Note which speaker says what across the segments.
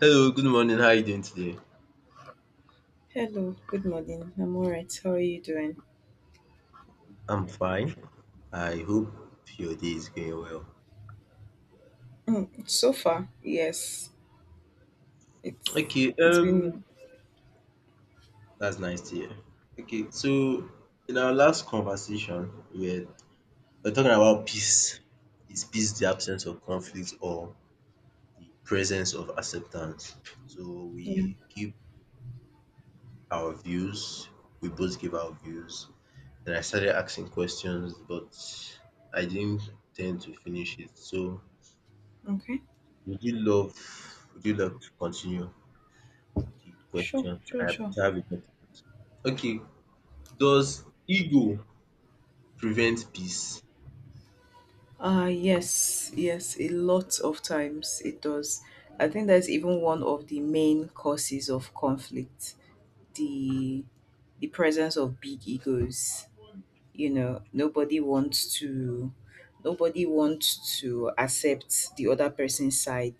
Speaker 1: Hello, good morning. How are you doing today?
Speaker 2: Hello, good morning. I'm all right. How are you doing?
Speaker 1: I'm fine. I hope your day is going well.
Speaker 2: Mm, so far, yes. It's
Speaker 1: Okay,
Speaker 2: it's been,
Speaker 1: that's nice to hear. Okay, so in our last conversation, we are talking about peace. Is peace the absence of conflict or the presence of acceptance? So
Speaker 2: yeah.
Speaker 1: we give our views. We both give our views. Then I started asking questions, but I didn't tend to finish it. So
Speaker 2: Okay.
Speaker 1: would you love? Would you love to continue the
Speaker 2: Sure,
Speaker 1: questions I
Speaker 2: sure, sure.
Speaker 1: have in my mind? Okay, does ego prevent peace?
Speaker 2: Yes, yes, a lot of times it does. I think that's even one of the main causes of conflict. The the presence of big egos. You know, nobody wants to nobody wants to accept the other person's side.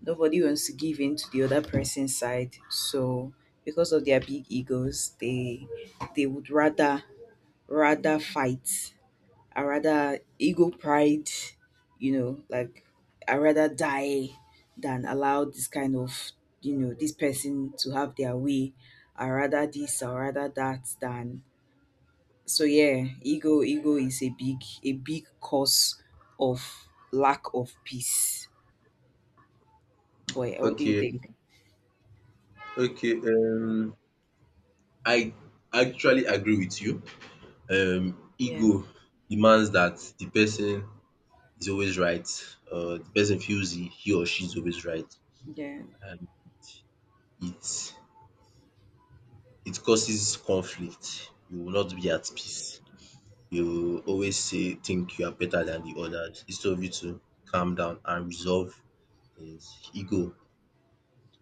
Speaker 2: Nobody wants to give in to the other person's side, so because of their big egos, they would rather fight. I rather ego pride, you know like I rather die than allow this kind of, you know, this person to have their way. I rather this, I rather that, than so yeah, ego is a big cause of lack of peace. Boy, what do you
Speaker 1: Okay,
Speaker 2: think?
Speaker 1: okay. I actually agree with you.
Speaker 2: Yeah,
Speaker 1: Ego demands that the person is always right. The person feels he or she is always right,
Speaker 2: yeah.
Speaker 1: and it it causes conflict. You will not be at peace. You will always say think you are better than the others instead of you to calm down and resolve is ego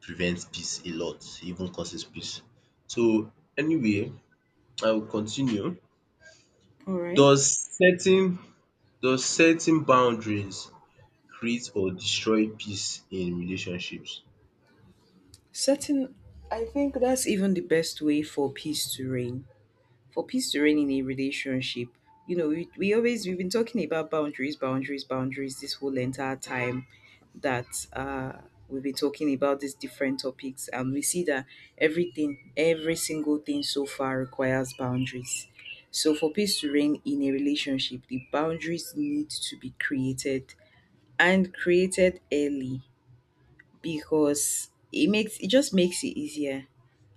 Speaker 1: prevents peace a lot, even causes peace. So anyway, I will continue.
Speaker 2: All right.
Speaker 1: Does setting does setting boundaries create or destroy peace in relationships?
Speaker 2: Setting, I think that's even the best way for peace to reign. For peace to reign in a relationship, you know, we've been talking about boundaries, boundaries, boundaries this whole entire time that we've been talking about these different topics. And we see that everything, every single thing so far requires boundaries. So for peace to reign in a relationship, the boundaries need to be created and created early, because it makes it just makes it easier.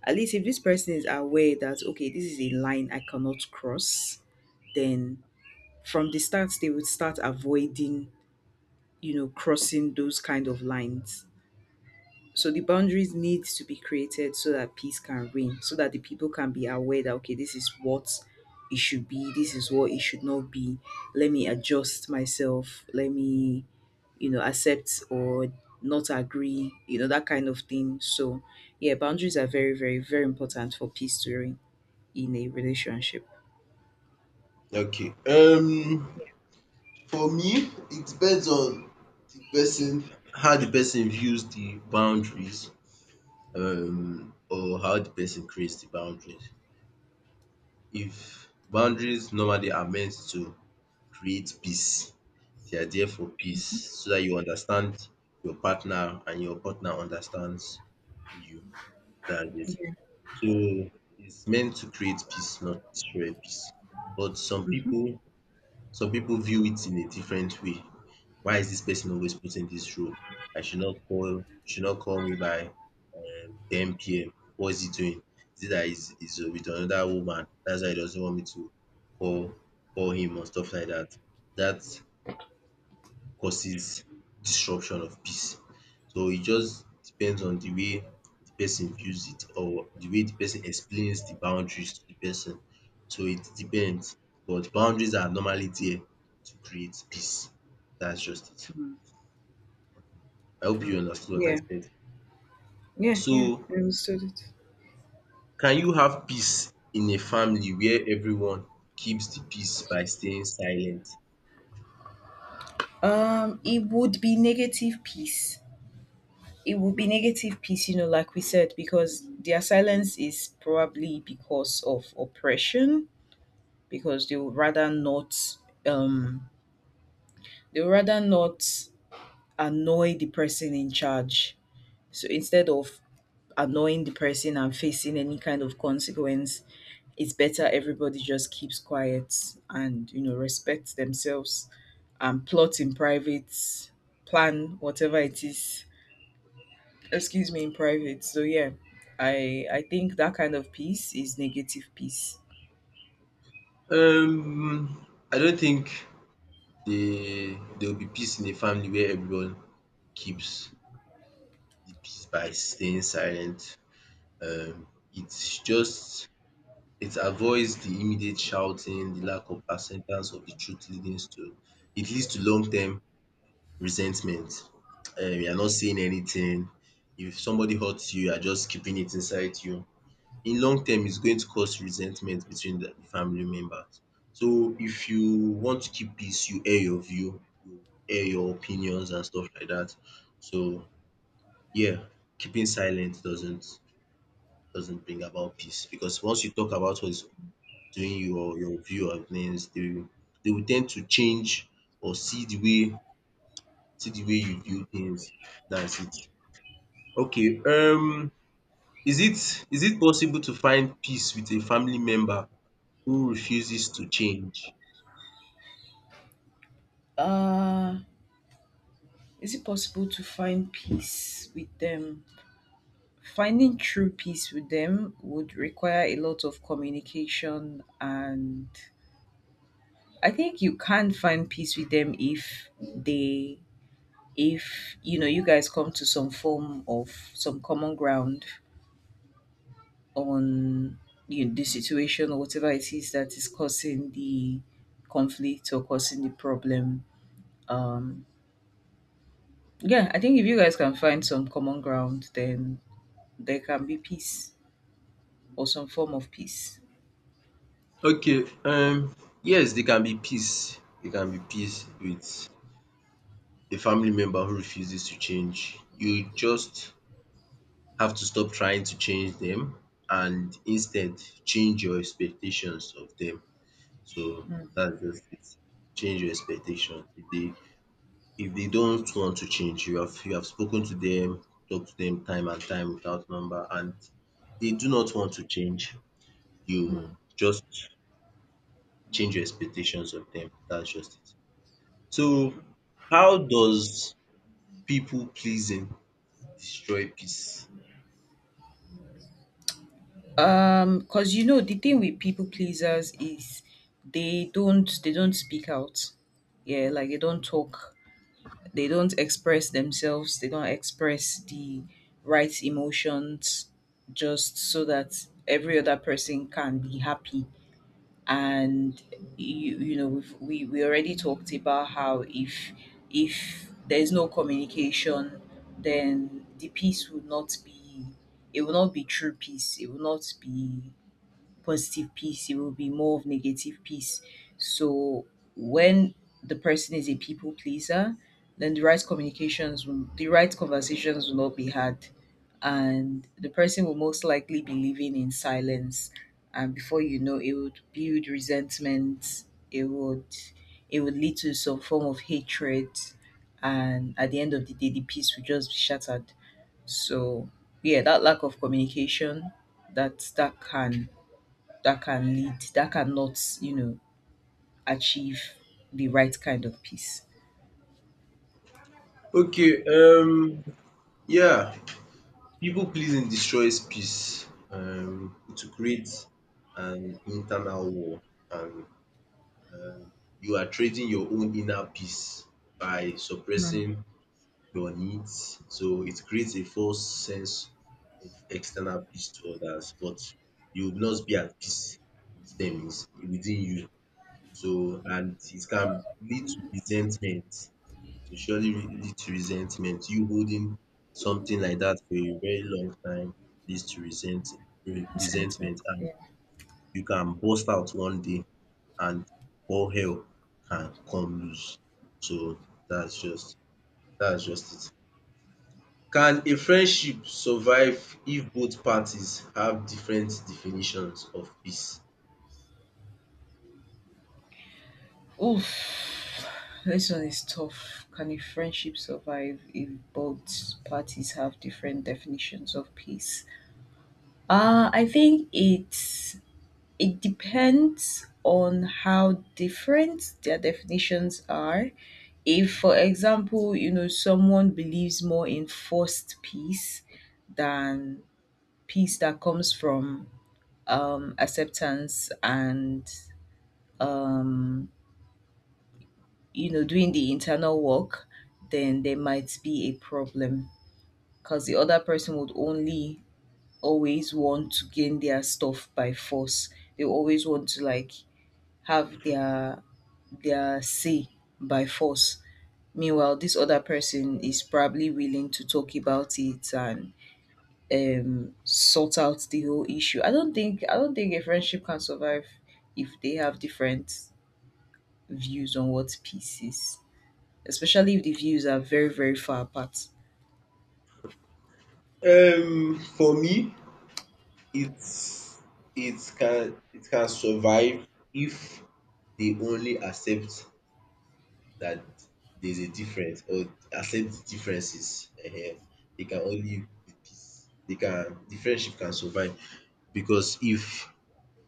Speaker 2: At least if this person is aware that okay, this is a line I cannot cross, then from the start they would start avoiding, you know, crossing those kind of lines. So the boundaries need to be created so that peace can reign, so that the people can be aware that okay, this is what it should be, this is what it should not be. Let me adjust myself. Let me, you know, accept or not agree, you know, that kind of thing. So yeah, boundaries are very, very, very important for peace to reign in a relationship.
Speaker 1: Okay,
Speaker 2: Yeah.
Speaker 1: for me it depends on the person, how the person views the boundaries or how the person creates the boundaries. If boundaries normally are meant to create peace. They are there for peace so that you understand your partner and your partner understands you. That's it.
Speaker 2: Yeah.
Speaker 1: So it's meant to create peace, not destroy peace. But
Speaker 2: Hmm.
Speaker 1: some people view it in a different way. Why is this person always put in this role? I should not call, Should not call me by 10 p.m. What is he doing? Is it that he's with another woman? That's why he doesn't want me to call call him or stuff like that. That causes disruption of peace. So it just depends on the way the person views it or the way the person explains the boundaries to the person. So it depends, but boundaries are normally there to create peace. That's just it. I hope you
Speaker 2: Mm.
Speaker 1: understood what I
Speaker 2: Yeah.
Speaker 1: said.
Speaker 2: Yeah. Yeah.
Speaker 1: So
Speaker 2: I understood it.
Speaker 1: can you have peace in a family where everyone keeps the peace by staying silent?
Speaker 2: It would be negative peace it would be negative peace, you know, like we said, because their silence is probably because of oppression, because they would rather not um they would rather not annoy the person in charge. So instead of annoying the person and facing any kind of consequence, it's better everybody just keeps quiet, and you know, respects themselves, and plot in private, plan whatever it is, excuse me, in private. So yeah, I think that kind of peace is negative peace.
Speaker 1: Um I don't think They there will be peace in a family where everyone keeps the peace by staying silent. Um it's just it avoids the immediate shouting, the lack of acceptance of the truth leading to it leads to long term resentment. You are not saying anything. If somebody hurts you, you are just keeping it inside you, in long term it's going to cause resentment between the family members. So if you want to keep peace, you air your view, you air your opinions and stuff like that. So yeah, keeping silent doesn't bring about peace, because once you talk about what's doing you or your view of things, they will tend to change or see the way you view things. That's it. Okay. Is it possible to find peace with a family member who refuses to change?
Speaker 2: uh is it possible to find peace with them? Finding true peace with them would require a lot of communication, and I think you can find peace with them if they if you know you guys come to some form of some common ground on, you know, the situation or whatever it is that is causing the conflict or causing the problem. Um, yeah, I think if you guys can find some common ground, then there can be peace or some form of peace.
Speaker 1: Okay, yes there can be peace with a family member who refuses to change. You just have to stop trying to change them and instead change your expectations of them. So that's just it. Change your expectations. If they don't want to change, you have spoken to them, talked to them time and time without number, and they do not want to change, you just change your expectations of them. That's just it. So, how does people pleasing destroy peace?
Speaker 2: Because you know the thing with people pleasers is they don't speak out. Yeah, like they don't talk. They don't express themselves, they don't express the right emotions, just so that every other person can be happy. And we already talked about how if there is no communication, then the peace would not be, it will not be true peace. It will not be positive peace, it will be more of negative peace. So when the person is a people pleaser, then the right conversations will not be had, and the person will most likely be living in silence. And before you know, it would build resentment. It would, it would lead to some form of hatred, and at the end of the day, the peace will just be shattered. So yeah, that lack of communication, that that can that can lead, that cannot achieve the right kind of peace.
Speaker 1: Okay, yeah, people pleasing destroys peace, to create an internal war, and um you are trading your own inner peace by
Speaker 2: Mm.
Speaker 1: suppressing your needs. So it creates a false sense of external peace to others, but you will not be at peace with them within you. So and it can lead to resentment. To surely lead to resentment. You holding something like that for a very long time leads to resent re-
Speaker 2: Resentment.
Speaker 1: resentment, and
Speaker 2: Yeah.
Speaker 1: you can burst out one day and all hell can come loose. So that's just that's just it. Can a friendship survive if both parties have different definitions of peace?
Speaker 2: Oof. This one is tough. Can a friendship survive if both parties have different definitions of peace? I think it depends on how different their definitions are. If, for example, you know, someone believes more in forced peace than peace that comes from acceptance and um, doing the internal work, then there might be a problem, because the other person would only always want to gain their stuff by force. They always want to like have their say by force, meanwhile this other person is probably willing to talk about it and sort out the whole issue. I don't think a friendship can survive if they have different views on what peace is, especially if the views are very, very far apart.
Speaker 1: For me it's it can survive if they only accept that there's a difference or accept the differences. Ehen. They can only be peace. The friendship can survive, because if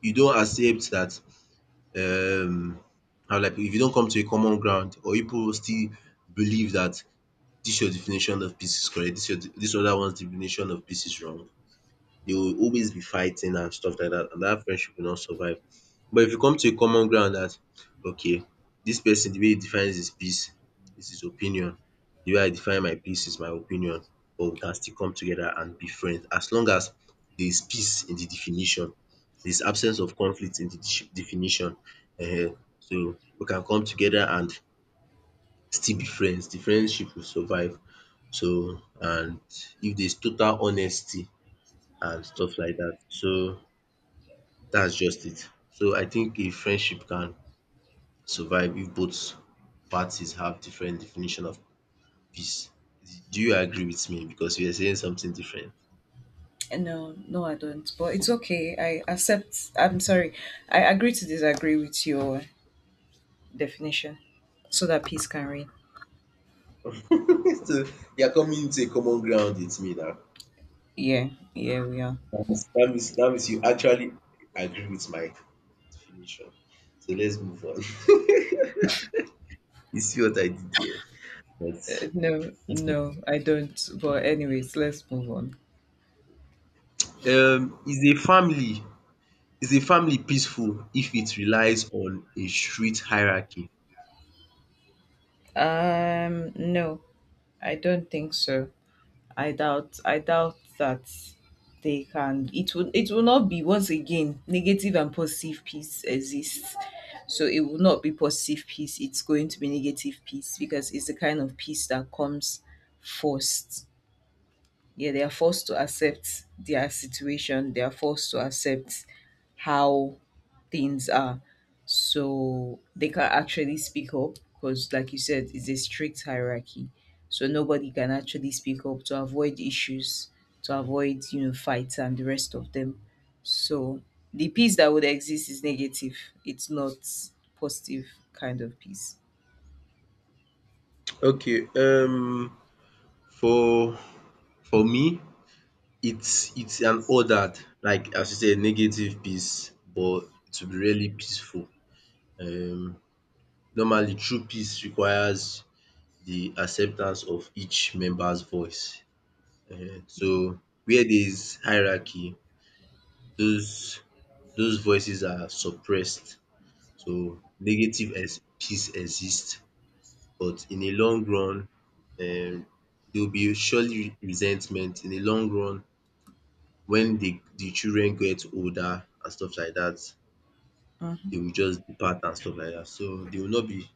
Speaker 1: you don accept that, um how will I put it, if you don come to a common ground or you pipu still believe that dis your definition of peace is correct, dis other one's definition of peace is wrong, they will always be fighting and stuff like that, and that friendship will not survive. But if you come to a common ground that, okay, this person, the way he defines his peace is his opinion, the way I define my peace is my opinion, but we can still come together and be friends as long as there is peace in the definition, there is absence of conflict in the de definition, So we can come together and still be friends, the friendship will survive. So and if there is total honesty and stuff like that. So that's just it. So I think a friendship can survive if both parties have different definition of peace. Do you agree with me? Because you are saying something different.
Speaker 2: And no, no, I don't. But it's okay. I accept. I'm sorry. I agree to disagree with your definition so that peace can reign.
Speaker 1: So you are coming to a common ground with me now.
Speaker 2: Yeah, yeah, we are.
Speaker 1: That means you actually agree with my definition. So let's move on. You see what I did there? But
Speaker 2: No,
Speaker 1: that's fine.
Speaker 2: no, I don't. But, anyways, let's move on.
Speaker 1: um is a family is a family peaceful if it relies on a strict hierarchy?
Speaker 2: No, I don't think so. I doubt that they can it will not be. Once again, negative and positive peace exists. So it will not be positive peace, it's going to be negative peace, because it's the kind of peace that comes first. Yeah, they are forced to accept their situation, they are forced to accept how things are, so they can actually speak up, because like you said, it's a strict hierarchy. So nobody can actually speak up, to avoid issues, to avoid, you know, fights and the rest of them. So the peace that would exist is negative. It's not positive kind of peace.
Speaker 1: Okay, for for me, it's an ordered, like as you say, negative peace, but it will be really peaceful. Um, Normally, true peace requires the acceptance of each member's voice. So where there is hierarchy, those those voices are suppressed. So negative peace exists, but in a long run, um there will be surely resentment in the long run when the children get older and stuff like that,
Speaker 2: Mhm.
Speaker 1: they will just depart and stuff like that, so there will not be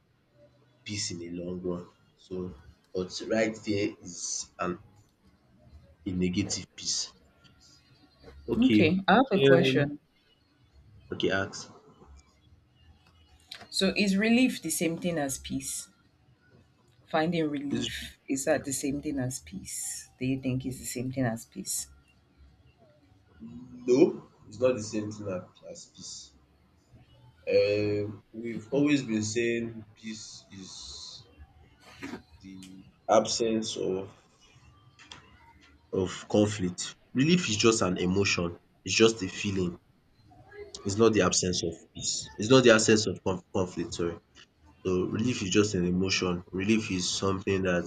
Speaker 1: peace in the long run. So but right there is an a negative peace. Okay,
Speaker 2: Okay, I have a question.
Speaker 1: okay, ask.
Speaker 2: So is relief the same thing as peace? Finding
Speaker 1: Is
Speaker 2: relief, is that the same thing as peace? Do you think it's the same thing as peace?
Speaker 1: No, it's not the same thing as peace. We've always been saying peace is the absence of conflict. Relief is just an emotion, it's just a feeling, it's not the absence of peace, it's not the absence of conflict, sorry. So relief is just an emotion, relief is something that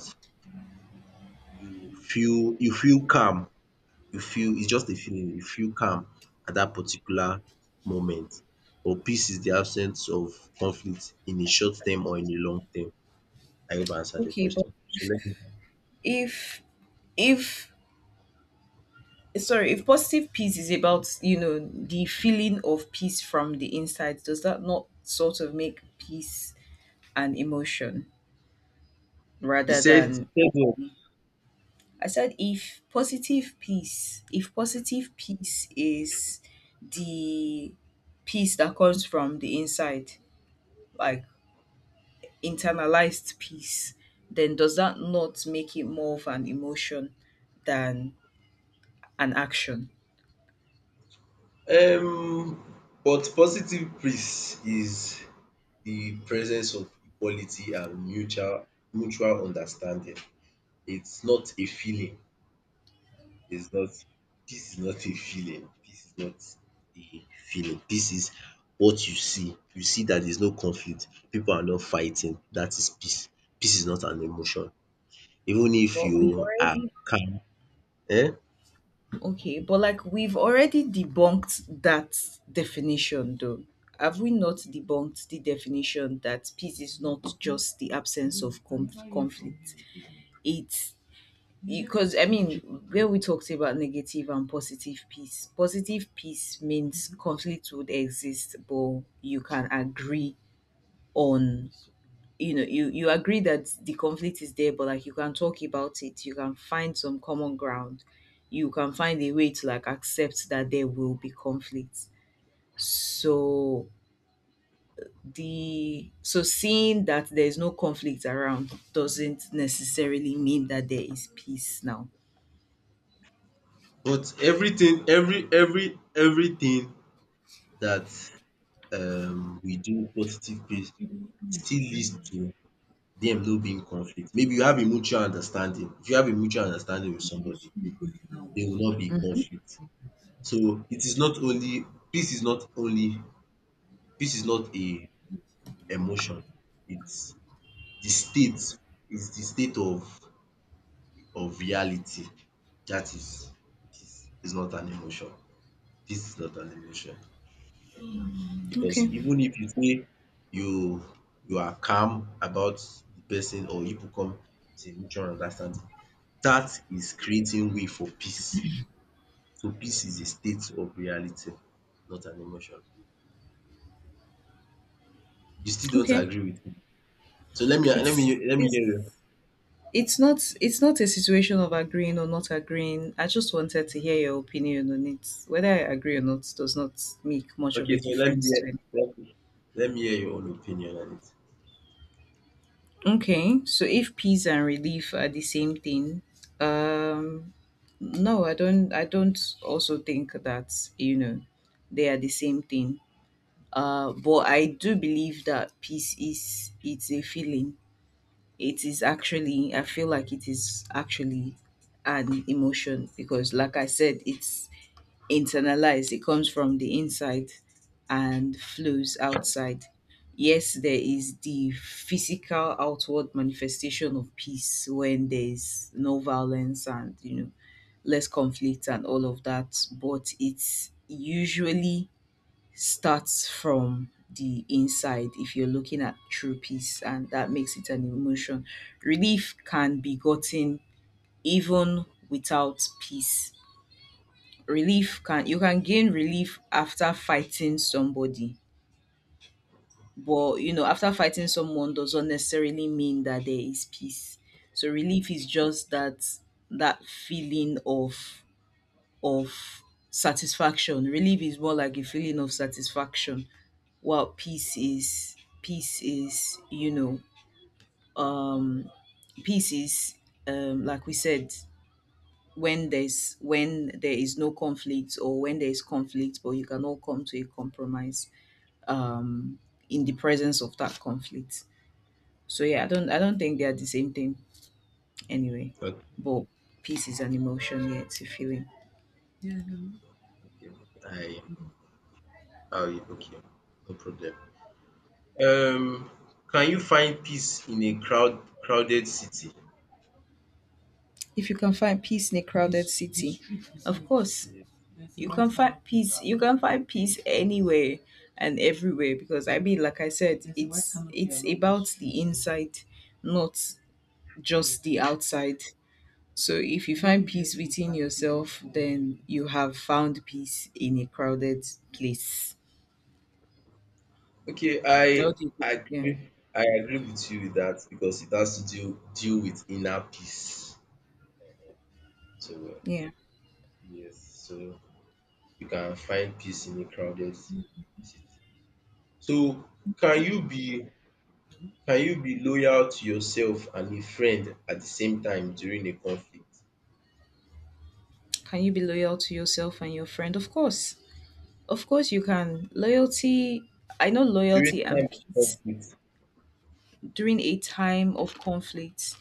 Speaker 1: you feel calm, you feel, it's just a feeling, you feel calm at that particular moment. But peace is the absence of conflict in a short term or in a long term. I hope I answered your
Speaker 2: Okay, but
Speaker 1: question. So let me.
Speaker 2: if if if positive peace is about, you know, the feeling of peace from the inside, does that not sort of make peace an emotion rather than.
Speaker 1: You said
Speaker 2: I said if positive peace, is the peace that comes from the inside, like internalized peace, then does that not make it more of an emotion than an action?
Speaker 1: what? But positive peace is the presence of equality and mutual understanding. It's not a feeling. It's not This is not a feeling. This is not a feeling. This is what you see. You see that there's no conflict. People are not fighting. That is peace. Peace is not an emotion. Even if
Speaker 2: But we've
Speaker 1: you are
Speaker 2: already
Speaker 1: calm, um
Speaker 2: okay, but like we've already debunked that definition though. Have we not debunked the definition that peace is not just the absence of conflict? It's because, I mean, where we talked about negative and positive peace means conflict would exist, but you can agree on you know you you agree that the conflict is there, but like you can talk about it, you can find some common ground, you can find a way to like accept that there will be conflict. So the so seeing that there is no conflict around doesn't necessarily mean that there is peace now.
Speaker 1: but everything, everything that we do positive peace still leads to dem no be in conflict. Maybe you have a mutual understanding. If you have a mutual understanding with somebody, there will not be
Speaker 2: Hmm.
Speaker 1: conflict. So it is not only peace is not only peace is not a emotion. It's the state it's the state of reality. That is Peace is not an emotion. Peace is not an emotion, because
Speaker 2: Okay.
Speaker 1: even if you say you you are calm about the person, or you people come to a mutual understanding, that is creating way for peace. So peace is a state of reality, not an emotion. You still don't
Speaker 2: Okay.
Speaker 1: agree with me. So
Speaker 2: it's
Speaker 1: let me
Speaker 2: it's
Speaker 1: hear you.
Speaker 2: It's not it's not a situation of agreeing or not agreeing. I just wanted to hear your opinion on it. Whether I agree or not does not make much of
Speaker 1: Okay,
Speaker 2: a
Speaker 1: so
Speaker 2: difference to it.
Speaker 1: let me hear your own opinion on it.
Speaker 2: Okay, so if peace and relief are the same thing, um, no, I don't. I don't also think that you know they are the same thing. But I do believe that peace is it's a feeling. It is actually I feel like it is actually an emotion, because like I said, it's internalized. It comes from the inside and flows outside. Yes, there is the physical outward manifestation of peace when there's no violence and, you know, less conflict and all of that, but it's usually starts from the inside if you're looking at true peace, and that makes it an emotion. Relief can be gotten even without peace. Relief can you can gain relief after fighting somebody, but after fighting someone doesn't necessarily mean that there is peace. So relief is just that feeling of satisfaction. Relief is more like a feeling of satisfaction, while peace is you know um peace is like we said, when there is no conflict, or when there is conflict but you cannot come to a compromise, um in the presence of that conflict. So yeah, I don't think they are the same thing, anyway.
Speaker 1: Okay,
Speaker 2: But peace is an emotion, yeah, it's a feeling.
Speaker 1: okay. I oh yeah, okay, no problem. Um, can you find peace in a crowded city?
Speaker 2: If you can find peace in a crowded city, of course.
Speaker 1: Yeah.
Speaker 2: You can find peace anywhere and everywhere, because I mean, like I said, it's about the inside, not just the outside. So if you find peace within yourself, then you have found peace in a crowded place.
Speaker 1: Okay,
Speaker 2: How
Speaker 1: I
Speaker 2: do you think? Yeah.
Speaker 1: agree. I agree with you with that because it has to deal with inner peace. So
Speaker 2: Yeah.
Speaker 1: yes, so you can find peace in a crowded city. So can you be can you be loyal to yourself and a friend at the same time during a conflict?
Speaker 2: Can you be loyal to yourself and your friend? Of course. Of course you can. Loyalty I know
Speaker 1: During
Speaker 2: loyalty
Speaker 1: time
Speaker 2: and
Speaker 1: of
Speaker 2: peace
Speaker 1: conflict.
Speaker 2: during a time of conflict.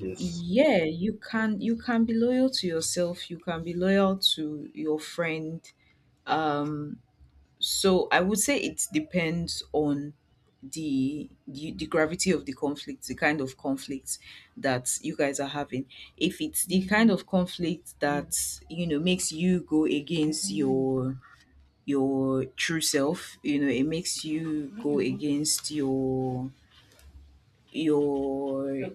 Speaker 1: Yes.
Speaker 2: Yeah, you can be loyal to yourself, you can be loyal to your friend. Um so I would say it depends on the gravity of the conflict, the kind of conflict that you guys are having. If it's the kind of conflict that, you know, makes you go against your true self, you know, it makes you go against your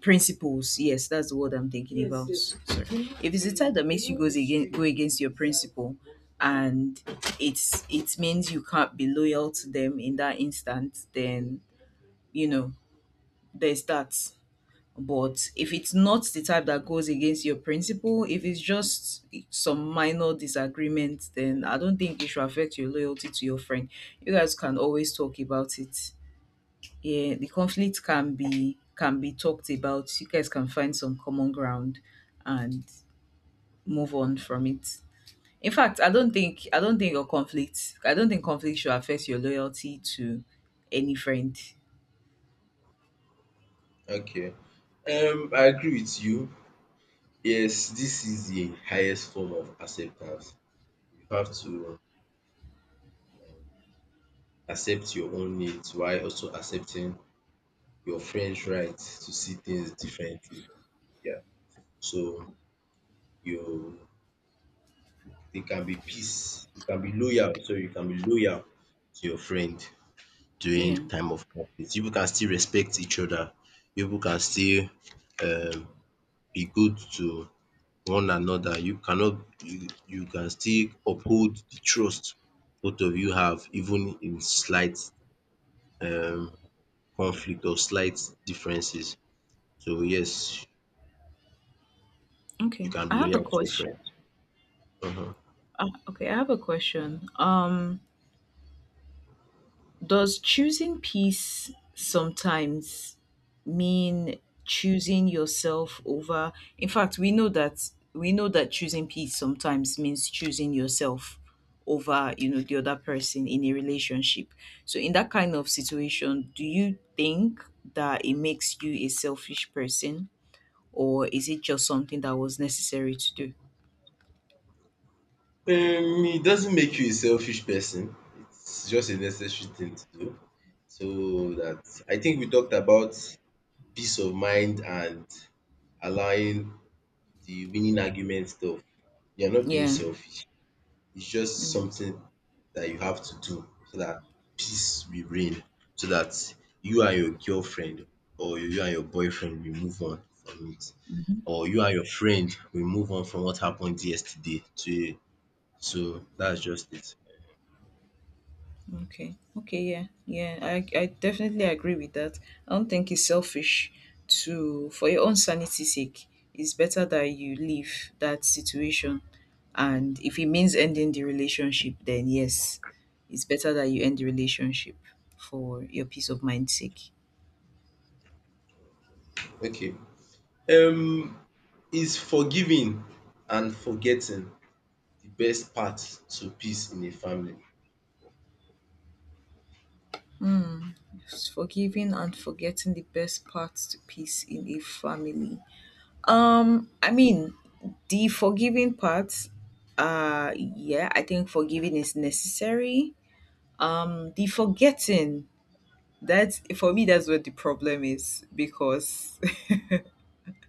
Speaker 2: principles, yes, that's the word I'm thinking. Yes, about yes. Sorry, if it's the type that makes you goes again go against your principle, and it's it means you can't be loyal to them in that instant, then, you know, there's that. But if it's not the type that goes against your principle, if it's just some minor disagreement, then I don't think it should affect your loyalty to your friend. You guys can always talk about it. Yeah, the conflict can be talked about. You guys can find some common ground and move on from it. In fact, I don't think conflict should affect your loyalty to any friend.
Speaker 1: Okay. I agree with you. Yes, this is the highest form of acceptance. You have to, um, accept your own needs while also accepting your friend's right to see things differently. Yeah. So you, They can be peace, you can be loyal, so you can be loyal to your friend during
Speaker 2: Yeah.
Speaker 1: time of conflict. You can still respect each other, you can still um be good to one another. You cannot You you can still uphold the trust both of you have even in slight um conflict or slight differences. So yes, you
Speaker 2: Okay.
Speaker 1: can be
Speaker 2: I have a
Speaker 1: loyal to your
Speaker 2: question.
Speaker 1: friend. um
Speaker 2: Okay, I have a question. Does choosing peace sometimes mean choosing yourself over? In fact, we know that choosing peace sometimes means choosing yourself over, you know, the other person in a relationship. So, in that kind of situation, do you think that it makes you a selfish person, or is it just something that was necessary to do?
Speaker 1: It doesn't make you a selfish person. It's just a necessary thing to do. So that I think we talked about peace of mind and allowing the winning argument stuff. You're not being
Speaker 2: Yeah.
Speaker 1: selfish. It's just
Speaker 2: Yeah.
Speaker 1: something that you have to do so that peace will reign. So that you and your girlfriend or you and your boyfriend will move on from it.
Speaker 2: Mm-hmm.
Speaker 1: Or you and your friend will move on from what happened yesterday to so that's just it.
Speaker 2: Okay. Okay. Yeah. Yeah. I definitely agree with that. I don't think it's selfish to, for your own sanity's sake, it's better that you leave that situation. And if it means ending the relationship, then yes, it's better that you end the relationship for your peace of mind's sake.
Speaker 1: Okay. Um, is forgiving and forgetting the best path to peace in a family?
Speaker 2: Hmm. Forgiving and forgetting the best parts to peace in a family. I mean, the forgiving part, yeah, I think forgiving is necessary. The forgetting, that's for me, that's where the problem is because,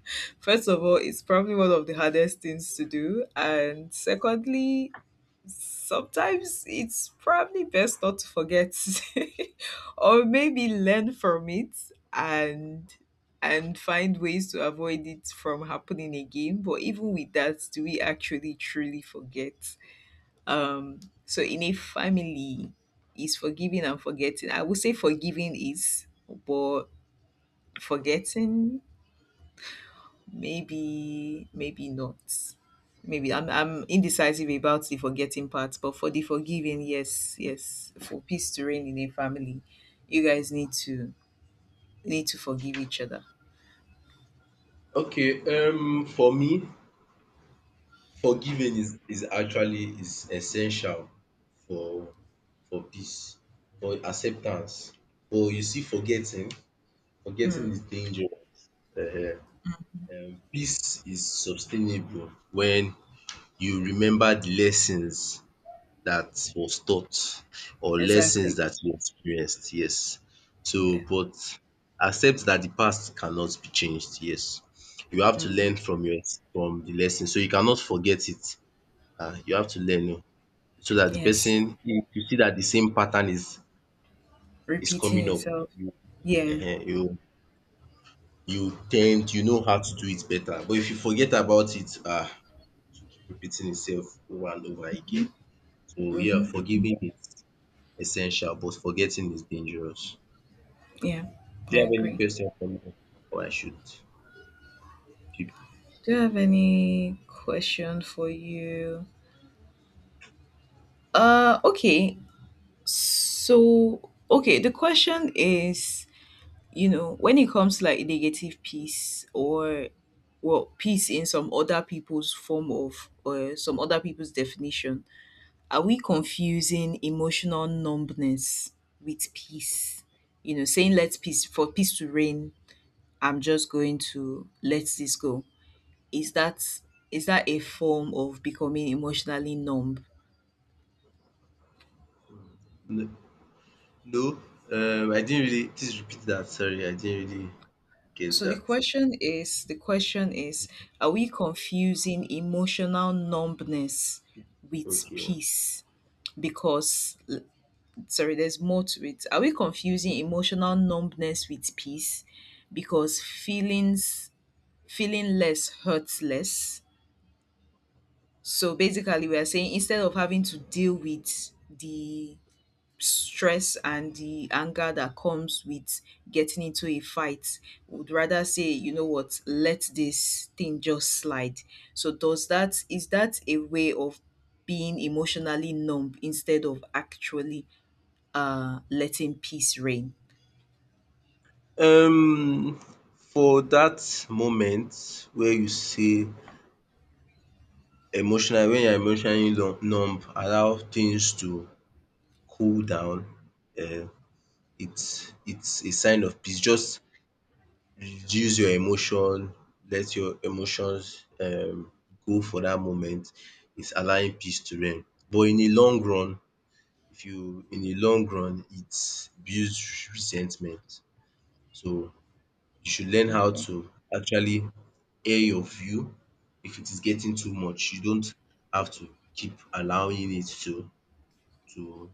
Speaker 2: first of all, it's probably one of the hardest things to do, and secondly, sometimes it's probably best not to forget, or maybe learn from it and find ways to avoid it from happening again. But even with that, do we actually truly forget? So in a family, is forgiving and forgetting? I would say forgiving is, but forgetting, maybe maybe not. Maybe I'm indecisive about the forgetting part, but for the forgiving, yes, yes, for peace to reign in a family, you guys need to forgive each other.
Speaker 1: Okay. For me, forgiving is actually is essential for peace, for acceptance. But you see, forgetting
Speaker 2: Mm.
Speaker 1: is dangerous. Ehen. Peace is sustainable when you remember the lessons that was taught, or lessons
Speaker 2: Exactly.
Speaker 1: that you experienced, yes. So
Speaker 2: Yeah.
Speaker 1: but accept that the past cannot be changed, yes. You have to
Speaker 2: Hmm.
Speaker 1: learn from your from the lesson. So you cannot forget it. You have to learn, so that the
Speaker 2: Yes,
Speaker 1: person, if you see that the same pattern is
Speaker 2: repeating
Speaker 1: coming up,
Speaker 2: itself.
Speaker 1: you,
Speaker 2: Yeah.
Speaker 1: um you you tend, you know how to do it better. But if you forget about it, to keep repeating itself over and over again. So yeah,
Speaker 2: Mm-hmm. Hmm.
Speaker 1: forgiving essential but forgetting is dangerous.
Speaker 2: Yeah,
Speaker 1: Do
Speaker 2: I
Speaker 1: you have any
Speaker 2: agree.
Speaker 1: question for me, or I should keep.
Speaker 2: Do you have any question for you? Okay, okay, the question is, you know, when it comes to like negative peace, or well, peace in some other people's form of, or some other people's definition, are we confusing emotional numbness with peace? You know, saying let us peace for peace to reign, I'm just going to let this go. is that is that a form of becoming emotionally numb?
Speaker 1: No, no, I didn't really, please repeat that. Sorry, I didn't really get
Speaker 2: So the
Speaker 1: that.
Speaker 2: question is, are we confusing emotional numbness with
Speaker 1: Okay.
Speaker 2: peace? Because l- sorry, there's more to it. Are we confusing emotional numbness with peace? Because feeling less hurts less. So basically we are saying, instead of having to deal with the stress and the anger that comes with getting into a fight, would rather say, you know what, let this thing just slide. So does that is that a way of being emotionally numb instead of actually letting peace reign?
Speaker 1: Um for that moment where you say emotional, when you're emotionally numb, allow things to cool down. um it's a sign of peace. Just reduce your emotion, let your emotions go for that moment, is allowing peace to reign. But in the long run, if you in the long run it builds resentment. So you should learn how
Speaker 2: Okay.
Speaker 1: to actually air your view if it is getting too much. You don't have to keep allowing it to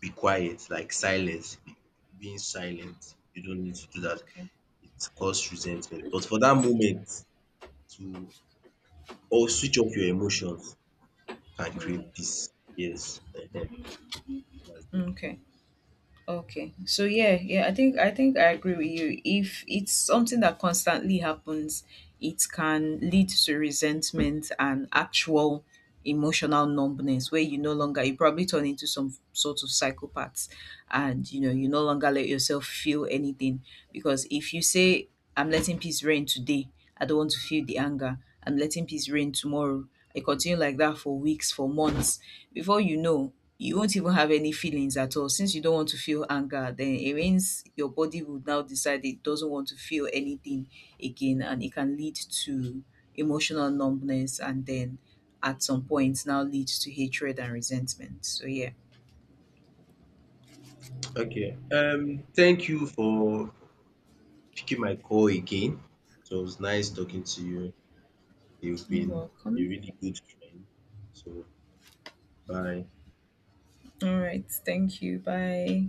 Speaker 1: be quiet, like silence, being silent. You don't need to do that.
Speaker 2: Okay.
Speaker 1: It causes resentment. But for that moment to or switch off your emotions can create peace. Yes, ehen.
Speaker 2: Okay. Okay. So yeah, yeah, I think I agree with you. If it's something that constantly happens, it can lead to resentment and actual emotional numbness, where you no longer, you probably turn into some sort of psychopath, and, you know, you no longer let yourself feel anything. Because if you say I'm letting peace reign today, I don't want to feel the anger. I'm letting peace reign tomorrow. I continue like that for weeks, for months, before you know, you won't even have any feelings at all, since you don't want to feel anger, then it means your body would now decide it doesn't want to feel anything again, and it can lead to emotional numbness and then at some point now leads to hatred and resentment, so yeah.
Speaker 1: Okay, thank you for picking my call again. So it was nice talking to you. You've
Speaker 2: You're
Speaker 1: been a
Speaker 2: welcome.
Speaker 1: really good friend. So, bye.
Speaker 2: All right, thank you, bye.